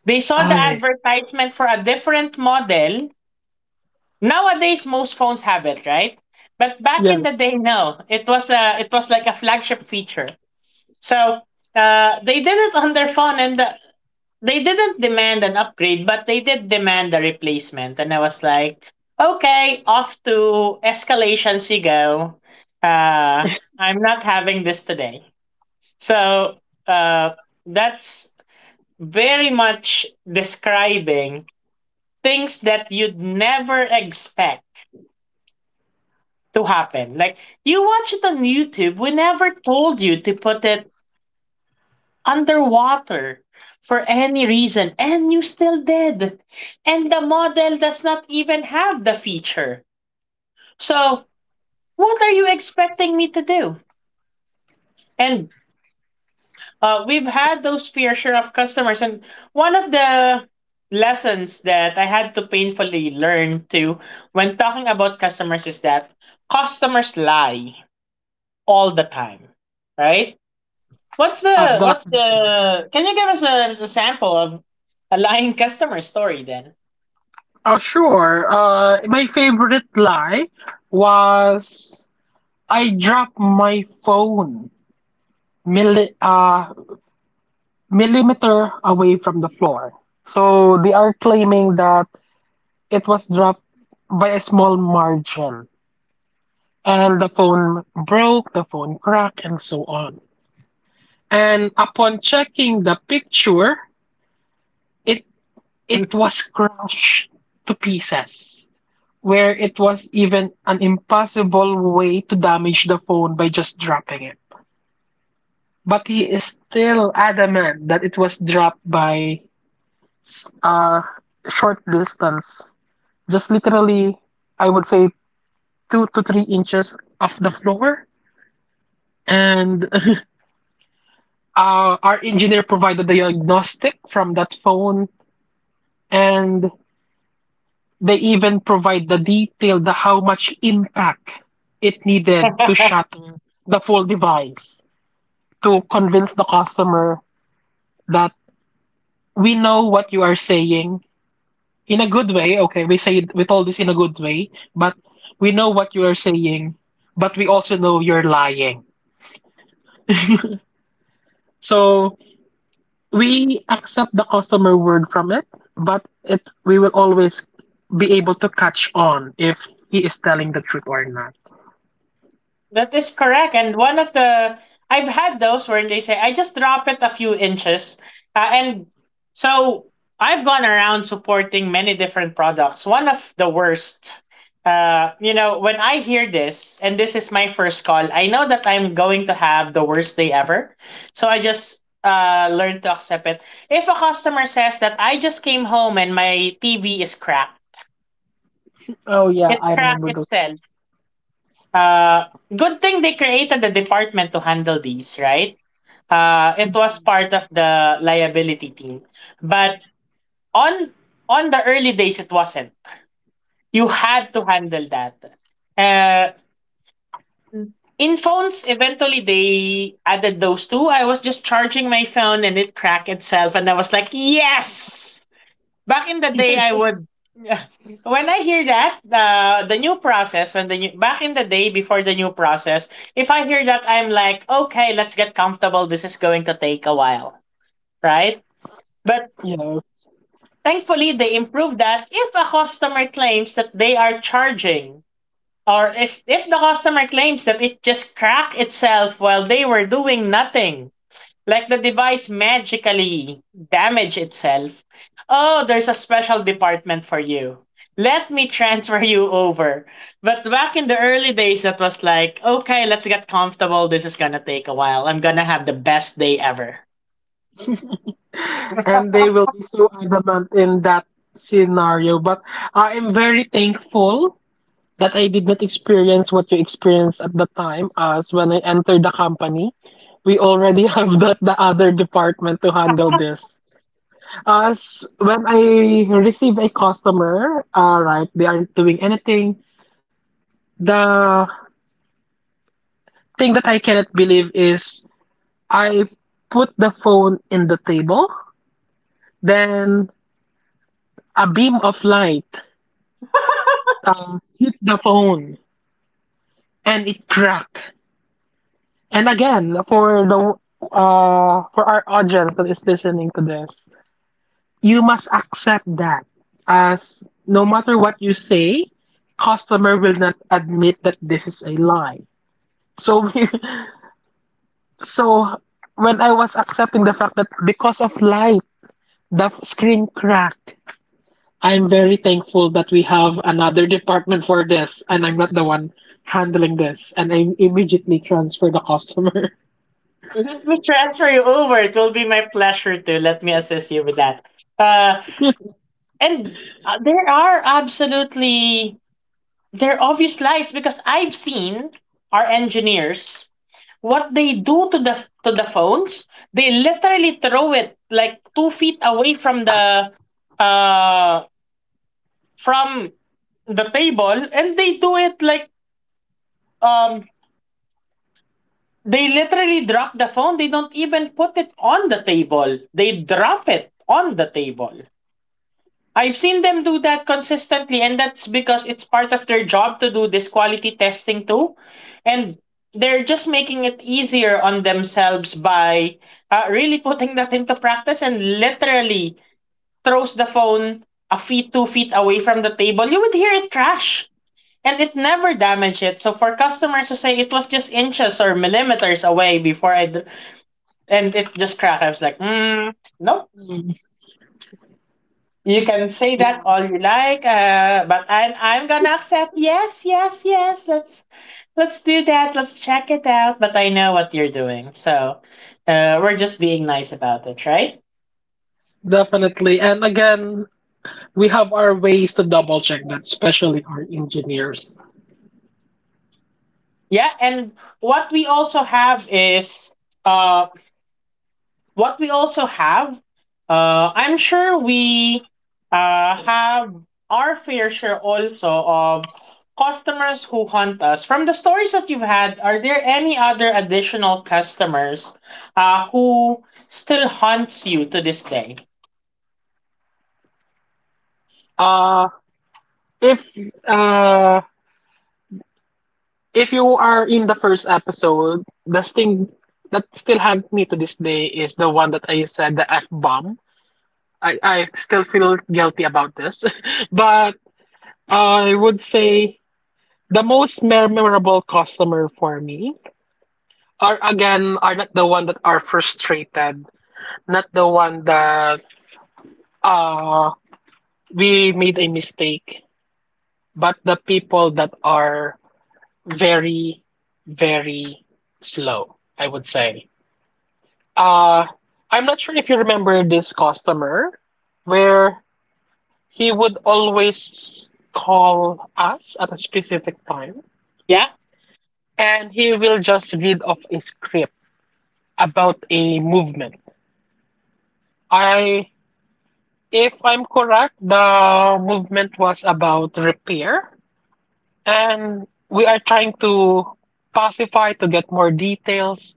A: They saw the
B: I
A: advertisement for a different model. Nowadays, most phones have it, right? But back in the
B: yes.
A: day, no. It was like a flagship feature. So they did it on their phone, and they didn't demand an upgrade, but they did demand a replacement. And I was like, okay, off to escalations you go. Uh, I'm not having this today. So uh, that's very much describing things that you'd never expect to happen. Like, you watch it on YouTube, we never told you to put it underwater for any reason, and you still did. And the model does not even have the feature. So, what are you expecting me to do? And we've had those fair share of customers, and one of the lessons that I had to painfully learn to when talking about customers is that customers lie. All the time, right? What's
B: Uh,
A: the
B: the,
A: what's the can you give us a sample of a lying customer story then?
B: sure. My favorite lie was I dropped my phone mili- uh, millimeter away from the floor. So they are claiming that it was dropped by a small margin and the phone broke, the phone cracked, and so on. And upon checking the picture, it it was crushed to pieces, where it was even an impossible way to damage the phone by just dropping it. But he is still adamant that it was dropped by s- uh, short distance, just literally, I would say 2 to 3 inches off the floor. And our engineer provided the diagnostic from that phone, and they even provide the detail the how much impact it needed to shatter the full device to convince the customer that we know what you are saying in a good way. Okay, we told this in a good way, but we know what you are saying, but we also know you're lying. So we accept the customer word from it, but it we will always be able to catch on if he is telling the truth or not.
A: That is correct. And one of the I've had those where they say I just drop it a few inches, and so I've gone around supporting many different products. One of the worst, you know, when I hear this, and this is my first call, I know that I'm going to have the worst day ever. So I just learn to accept it. If a customer says that I just came home and my TV is cracked,
B: Oh yeah,
A: it
B: I
A: cracked
B: remember those.
A: itself. Uh, Good thing they created the department to handle these, right? It was part of the liability team, but on on the early days, it wasn't. You had to handle that. Uh, in phones, eventually they added those two. I was just charging my phone and it cracked itself, and I was like, yes, back in the day I would when I hear that the new process when the new back in the day before the new process, if I hear that, I'm like, okay, let's get comfortable, this is going to take a while, right? But
B: yes.
A: thankfully they improved that. If a customer claims that they are charging, or if the customer claims that it just cracked itself while they were doing nothing, like the device magically damage itself. Oh, there's a special department for you. Let me transfer you over. But back in the early days, that was like, okay, let's get comfortable. This is gonna take a while. I'm gonna have the best day ever.
B: And they will be so adamant in that scenario. But I am very thankful that I did not experience what you experienced at the time as when I entered the company. We already have that the other department to handle this. As when I receive a customer, right, they aren't doing anything. The thing that I cannot believe is I put the phone in the table, then a beam of light hit the phone and it cracked. And again, for the for our audience that is listening to this, you must accept that as no matter what you say, customer will not admit that this is a lie. So so when I was accepting the fact that because of light, screen cracked. I'm very thankful that we have another department for this, and I'm not the one handling this. And I immediately transfer the customer.
A: Let me transfer you over. It will be my pleasure to let me assist you with that. Uh, and There are absolutely they're obvious lies because I've seen our engineers what they do to the phones. They literally throw it like 2 feet away uh from the table, and they do it like um they literally drop the phone. They don't even put it on the table. They drop it on the table. I've seen them do that consistently, and that's because it's part of their job to do this quality testing too. And they're just making it easier on themselves by really putting that into practice and literally throws the phone a feet, 2 feet away from the table. You would hear it crash, and it never damaged it. So for customers to say it was just inches or millimeters away and it just cracked, I was like, mm, no.
B: Mm,
A: You can say
B: yeah,
A: that all you like, but I'm gonna accept. Yes, yes, yes. Let's do that. Let's check it out. But I know what you're doing, so we're just being nice about it, right?
B: definitely. And again, we have our ways to double check that, especially our engineers.
A: Yeah. And what we also have is um what we also have, I'm sure we have our fair share also of customers who hunt us. From the stories that you've had, are there any other additional customers who still hunts you to this day?
B: Uh if uh if you are in the first episode, the thing that still haunts me to this day is the one that I said the F bomb. I still feel guilty about this. But I would say the most memorable customer for me are again are not the one that are frustrated, not the one that uh we made a mistake, but the people that are very, very slow, I would say. Uh, I'm not sure if you remember this customer where he would always call us at a specific time
A: Yeah,
B: and he will just read off a script about a movement. I, if I'm correct, the movement was about repair and we are trying to pacify to get more details.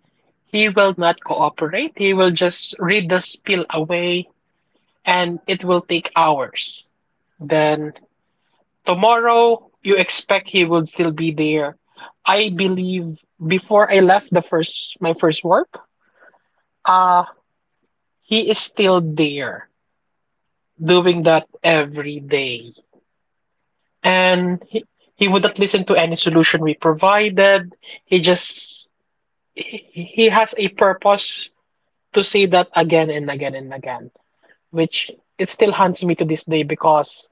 B: He will not cooperate. He will just read the spiel away and it will take hours. Then tomorrow, you expect he would still be there. I believe before I left the first my first work, uh he is still there doing that every day. And he wouldn't listen to any solution we provided. He just he has a purpose to say that again and again and again, which it still haunts me to this day because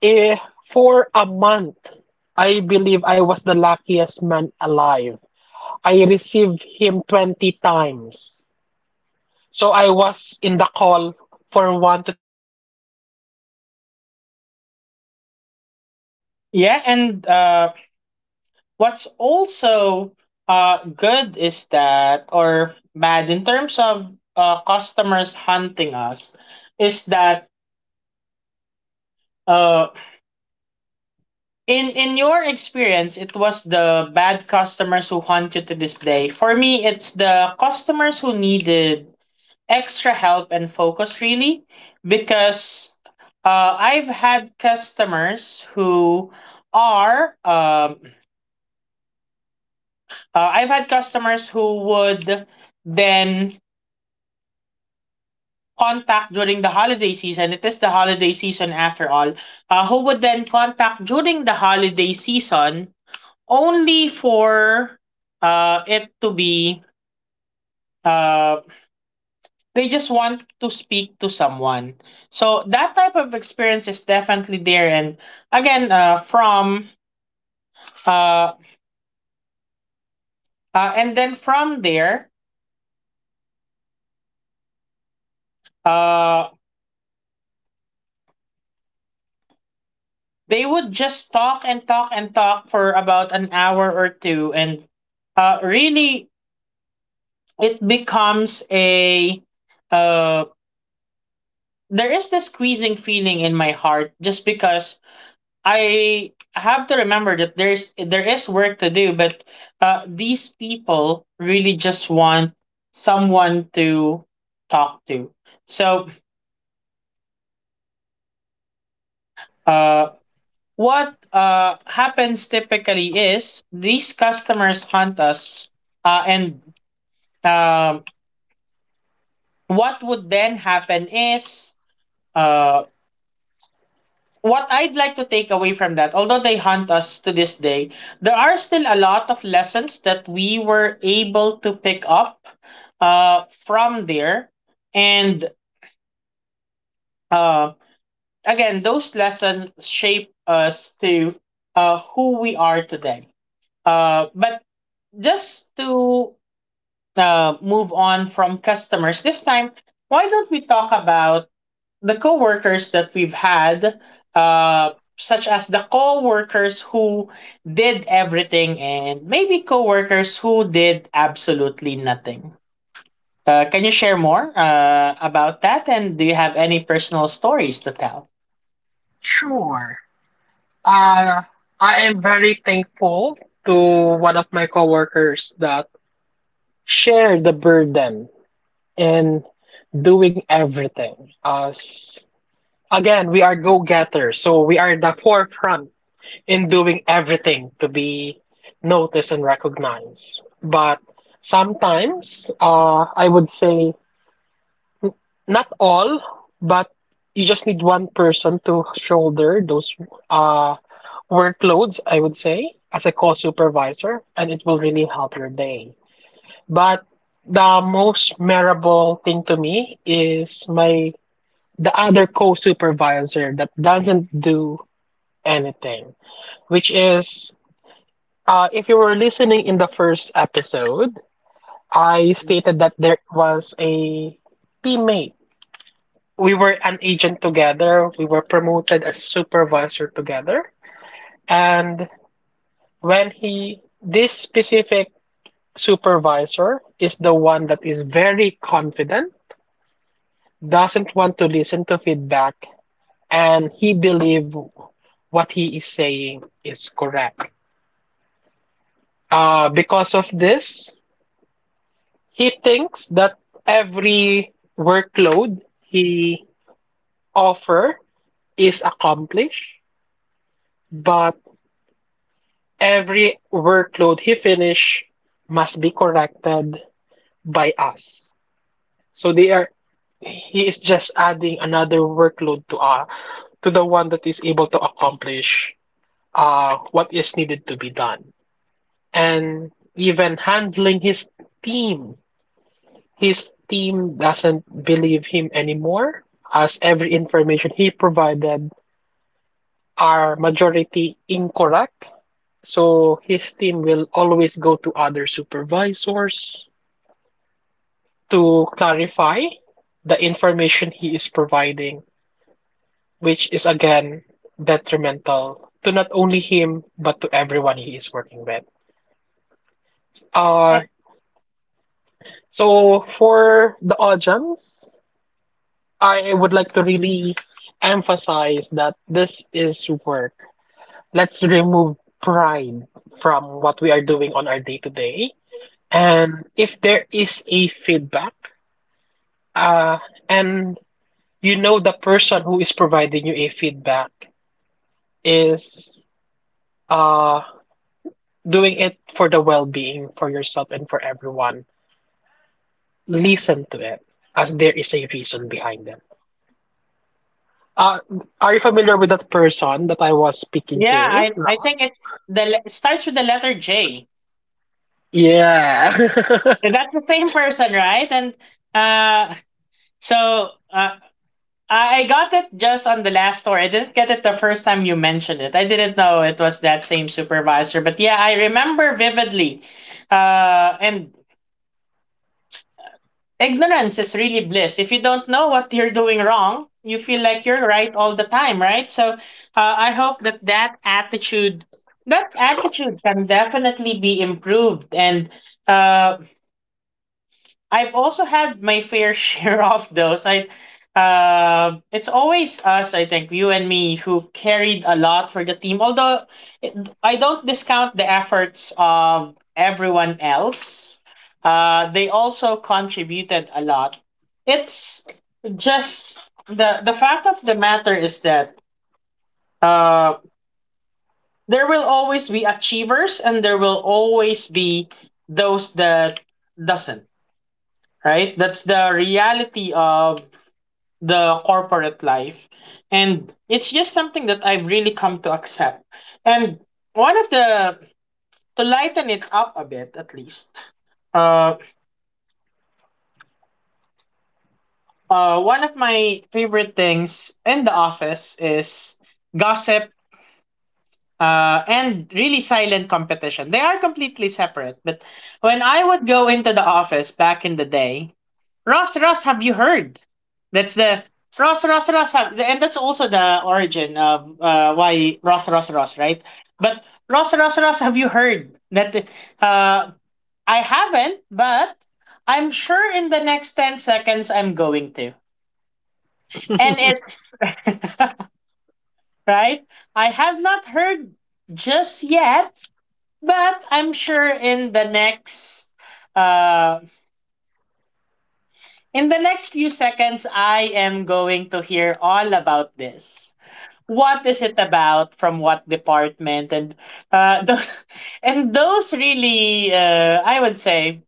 B: Eh, for a month, I believe I was the luckiest man alive. I received him 20 times. So I was in the
A: yeah, and what's also good is that, or bad in terms of customers hunting us, is that uh, in your experience, it was the bad customers who haunt you to this day. For me, it's the customers who needed extra help and focus, really, because I've had customers who are I've had customers who would then contact during the holiday season. It is the holiday season, after all. Who would then contact during the holiday season only for it to be uh they just want to speak to someone. So that type of experience is definitely there, and again from uh, and then from there uh they would just talk and talk and talk for about an hour or two, and really it becomes a uh there is this squeezing feeling in my heart just because I have to remember that there is work to do, but these people really just want someone to talk to. So, uh, what happens typically is these customers hunt us, and um, what would then happen is uh, what I'd like to take away from that, although they haunt us to this day, there are still a lot of lessons that we were able to pick up from there. And uh, again, those lessons shape us to who we are today. But just to move on from customers, this time, why don't we talk about the co-workers that we've had, uh such as the co-workers who did everything and maybe co-workers who did absolutely nothing. Can you share more about that, and do you have any personal stories to tell?
B: sure. Uh, I am very thankful to one of my coworkers that shared the burden in doing everything. As again, we are go-getters, so we are the forefront in doing everything to be noticed and recognized. But sometimes, I would say, not all, but you just need one person to shoulder those uh, workloads, I would say, as a call supervisor, and it will really help your day. But the most memorable thing to me is my the other co-supervisor that doesn't do anything, which is if you were listening in the first episode, I stated that there was a teammate we were an agent together. We were promoted as supervisor together. And when he, this specific supervisor is the one that is very confident, doesn't want to listen to feedback, and he believe what he is saying is correct. Because of this, he thinks that every workload he offer is accomplished, but every workload he finish must be corrected by us. So they are He is just adding another workload to the one that is able to accomplish what is needed to be done. And even handling team, his team doesn't believe him anymore, as every information he provided are majority incorrect. So his team will always go to other supervisors to clarify the information he is providing, which is again detrimental to not only him but to everyone he is working with. Uh,
A: Eh,
B: so for the audience, I would like to really emphasize that this is work. Let's remove pride from what we are doing on our day to day. And if there is a feedback, Uh, and you know the person who is providing you a feedback is uh, doing it for the well-being for yourself and for everyone. Listen to it, as there is a reason behind it. Uh, are you familiar with that person that I was speaking to,
A: I think
B: Ross?
A: it's the it starts with the letter J.
B: Yeah.
A: That's the same person, right? And uh, so uh, I got it just on the last story. I didn't get it the first time you mentioned it. I didn't know it was that same supervisor. But yeah, I remember vividly. And ignorance is really bliss. If you don't know what you're doing wrong, you feel like you're right all the time, right? So I hope that that attitude can definitely be improved. And uh, I've also had my fair share of those. It's always us. I think you and me who carried a lot for the team. Although it, I don't discount the efforts of everyone else. They also contributed a lot. It's just the fact of the matter is that uh, there will always be achievers and there will always be those that doesn't, right? That's the reality of the corporate life. And it's just something that I've really come to accept. And one of the, to lighten it up a bit at least, uh, one of my favorite things in the office is gossip, and really silent competition. They are completely separate, but when I would go into the office back in the day, Ross, Ross, have you heard? That's the Ross, Ross, Ross, have, and that's also the origin of why Ross, Ross, Ross, right? But Ross, Ross, Ross, have you heard that? Uh, I haven't, but I'm sure in the next 10 seconds I'm going to, and it's right. I have not heard just yet, but I'm sure in the next uh in the next few seconds, I am going to hear all about this. What is it about? From what department? And uh, tho- and those really, I would say,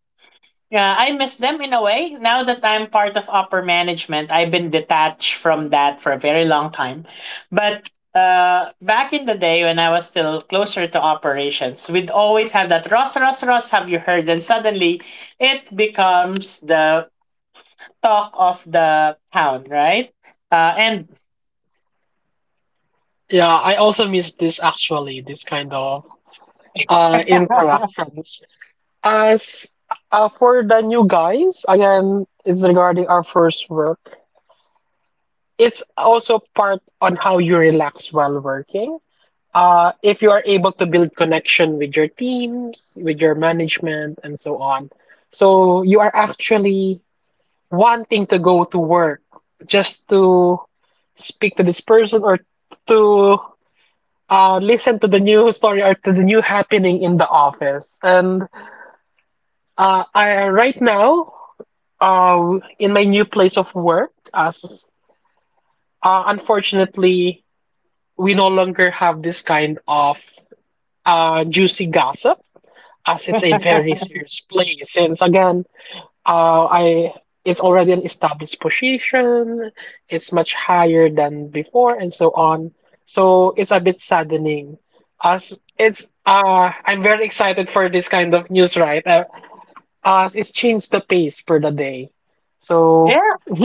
A: I miss them in a way. Now that I'm part of upper management, I've been detached from that for a very long time. But back in the day when I was still closer to operations, we'd always have that Ross, Ross, Ross. Have you heard? And suddenly, it becomes the talk of the town, right? And
B: Yeah, I also miss this actually, this kind of interactions. As for the new guys, again, it's regarding our first work. It's also part on how you relax while working. If you are able to build connection with your teams, with your management, and so on. So you are actually wanting to go to work just to speak to this person or to listen to the new story or to the new happening in the office. And right now, in my new place of work, as unfortunately, we no longer have this kind of juicy gossip, as it's a very serious place. Since again, I it's already an established position, it's much higher than before, and so on. So it's a bit saddening, as it's I'm very excited for this kind of news, right? As it's changed the pace for the day, so.
A: Yeah,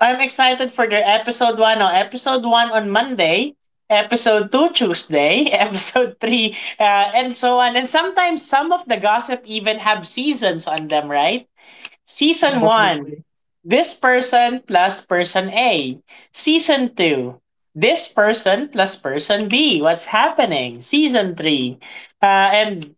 A: I'm excited for their episode one. Oh, episode one on Monday, episode two Tuesday, episode three, and so on. And sometimes some of the gossip even have seasons on them, right? Season one,
B: Definitely.
A: this person plus person A. Season two, this person plus person B. What's happening? Season three, and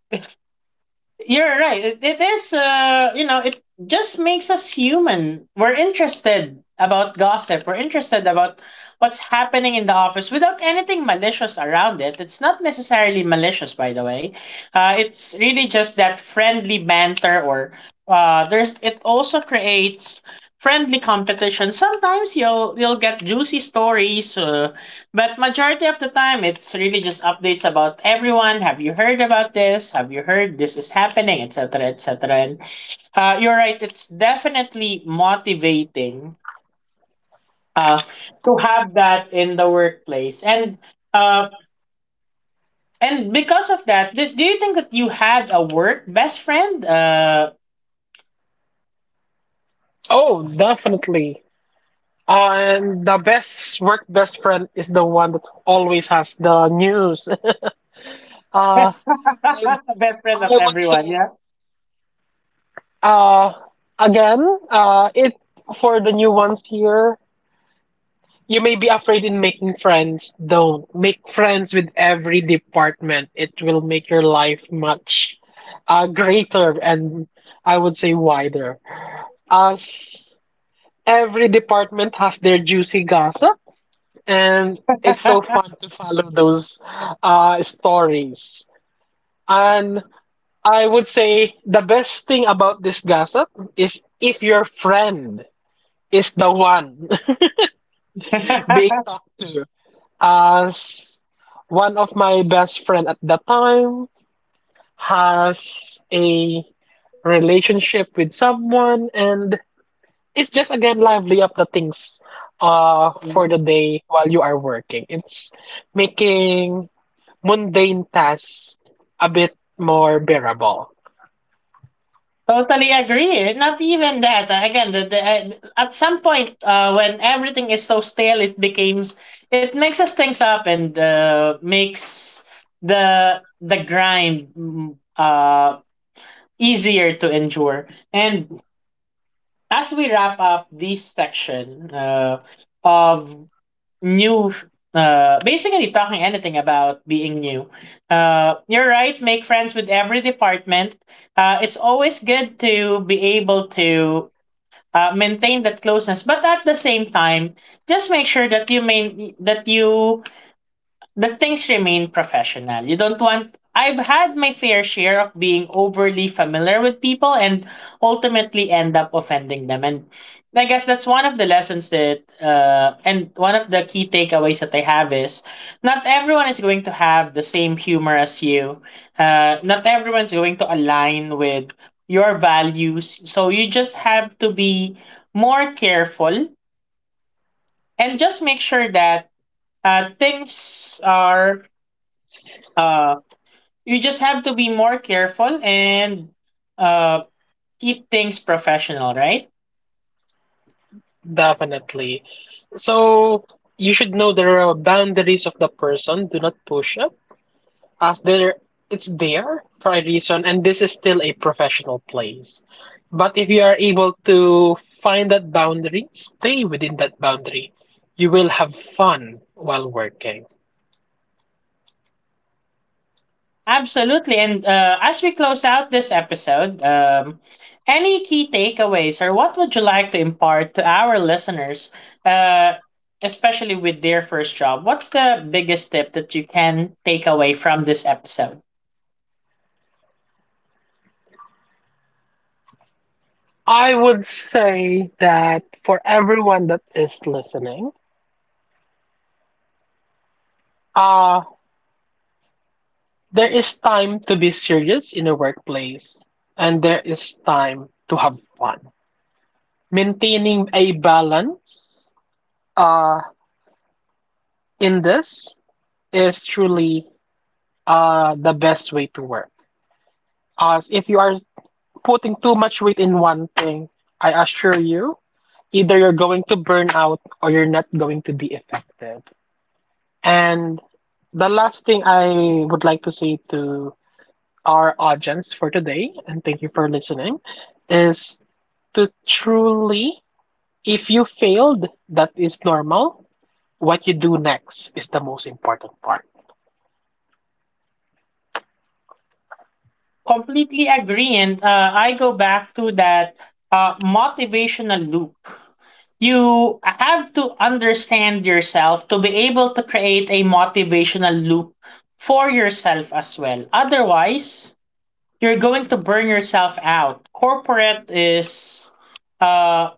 A: you're right. It is, you know, it just makes us human. We're interested about gossip. We're interested about what's happening in the office without anything malicious around it. It's not necessarily malicious, by the way. It's really just that friendly banter, or there's. It also creates friendly competition. Sometimes you'll get juicy stories. But majority of the time, it's really just updates about everyone. Have you heard about this? Have you heard this is happening, etc., etc. And you're right. It's definitely motivating uh, to have that in the workplace. Uh, and because of that, do you think that you had a work best friend?
B: Oh, definitely. And the best work best friend is the one that always has the news. Uh, I
A: Best friend of
B: I would
A: everyone,
B: say
A: yeah.
B: uh again it for the new ones here. You may be afraid in making friends. Don't make friends with every department. It will make your life much greater and I would say wider. As every department has their juicy gossip and it's so fun to follow those stories. And I would say the best thing about this gossip is if your friend is the one being talked to. As one of my best friend at the time has a relationship with someone, and it's just again lively up the things
A: Yeah.
B: for the day while you are working. It's making mundane tasks a bit more bearable.
A: Totally agree. Not even that. Again, at some point when everything is so stale, it becomes it mixes things up and makes the grind easier to endure. And as we wrap up this section of New f basically talking anything about being new. You're right, make friends with every department. It's always good to be able to maintain that closeness, but at the same time, just make sure that you main that you the things remain professional. You don't want I've had my fair share of being overly familiar with people and ultimately end up offending them. And I guess that's one of the lessons that and one of the key takeaways that I have is not everyone is going to have the same humor as you. Not everyone's going to align with your values. So you just have to be more careful and just make sure that things are uh you just have to be more careful and uh, keep things professional, right?
B: Definitely. So you should know there are boundaries of the person. Do not push up, as there it's there for a reason, and this is still a professional place. But if you are able to find that boundary, stay within that boundary. You will have fun while working.
A: Absolutely. And as we close out this episode, any key takeaways or what would you like to impart to our listeners, uh, especially with their first job? What's the biggest tip that you can take away from this episode?
B: I would say that for everyone that is listening, uh, there is time to be serious in a workplace, and there is time to have fun. Maintaining a balance uh, in this is truly the best way to work. As if you are putting too much weight in one thing, I assure you, either you're going to burn out or you're not going to be effective. And the last thing I would like to say to our audience for today, and thank you for listening, is to truly, if you failed, that is normal. What you do next is the most important part.
A: Completely agree. And I go back to that motivational loop. You have to understand yourself to be able to create a motivational loop for yourself as well. Otherwise, you're going to burn yourself out. Corporate is uh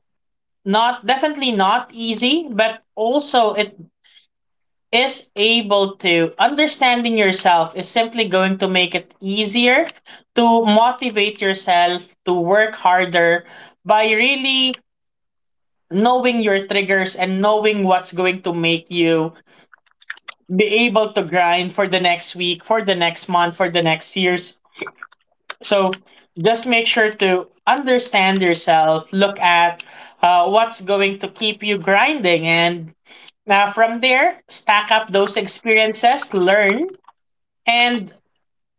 A: not definitely not easy, but also it is able to understanding yourself is simply going to make it easier to motivate yourself to work harder by really knowing your triggers and knowing what's going to make you be able to grind for the next week, for the next month, for the next year. So just make sure to understand yourself, look at what's going to keep you grinding, and from there, stack up those experiences, learn, and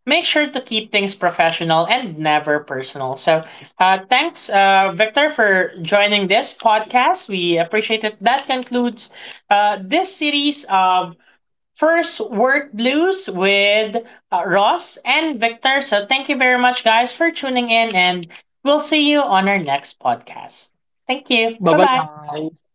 A: make sure to keep things professional and never personal. So thanks, Victor, for joining this podcast. We appreciate it. That concludes this series of First, Work Blues with Ross and Victor. So, thank you very much, guys, for tuning in, and we'll see you on our next podcast. Thank you.
B: Bye
A: Bye
B: bye,
A: bye.
B: guys.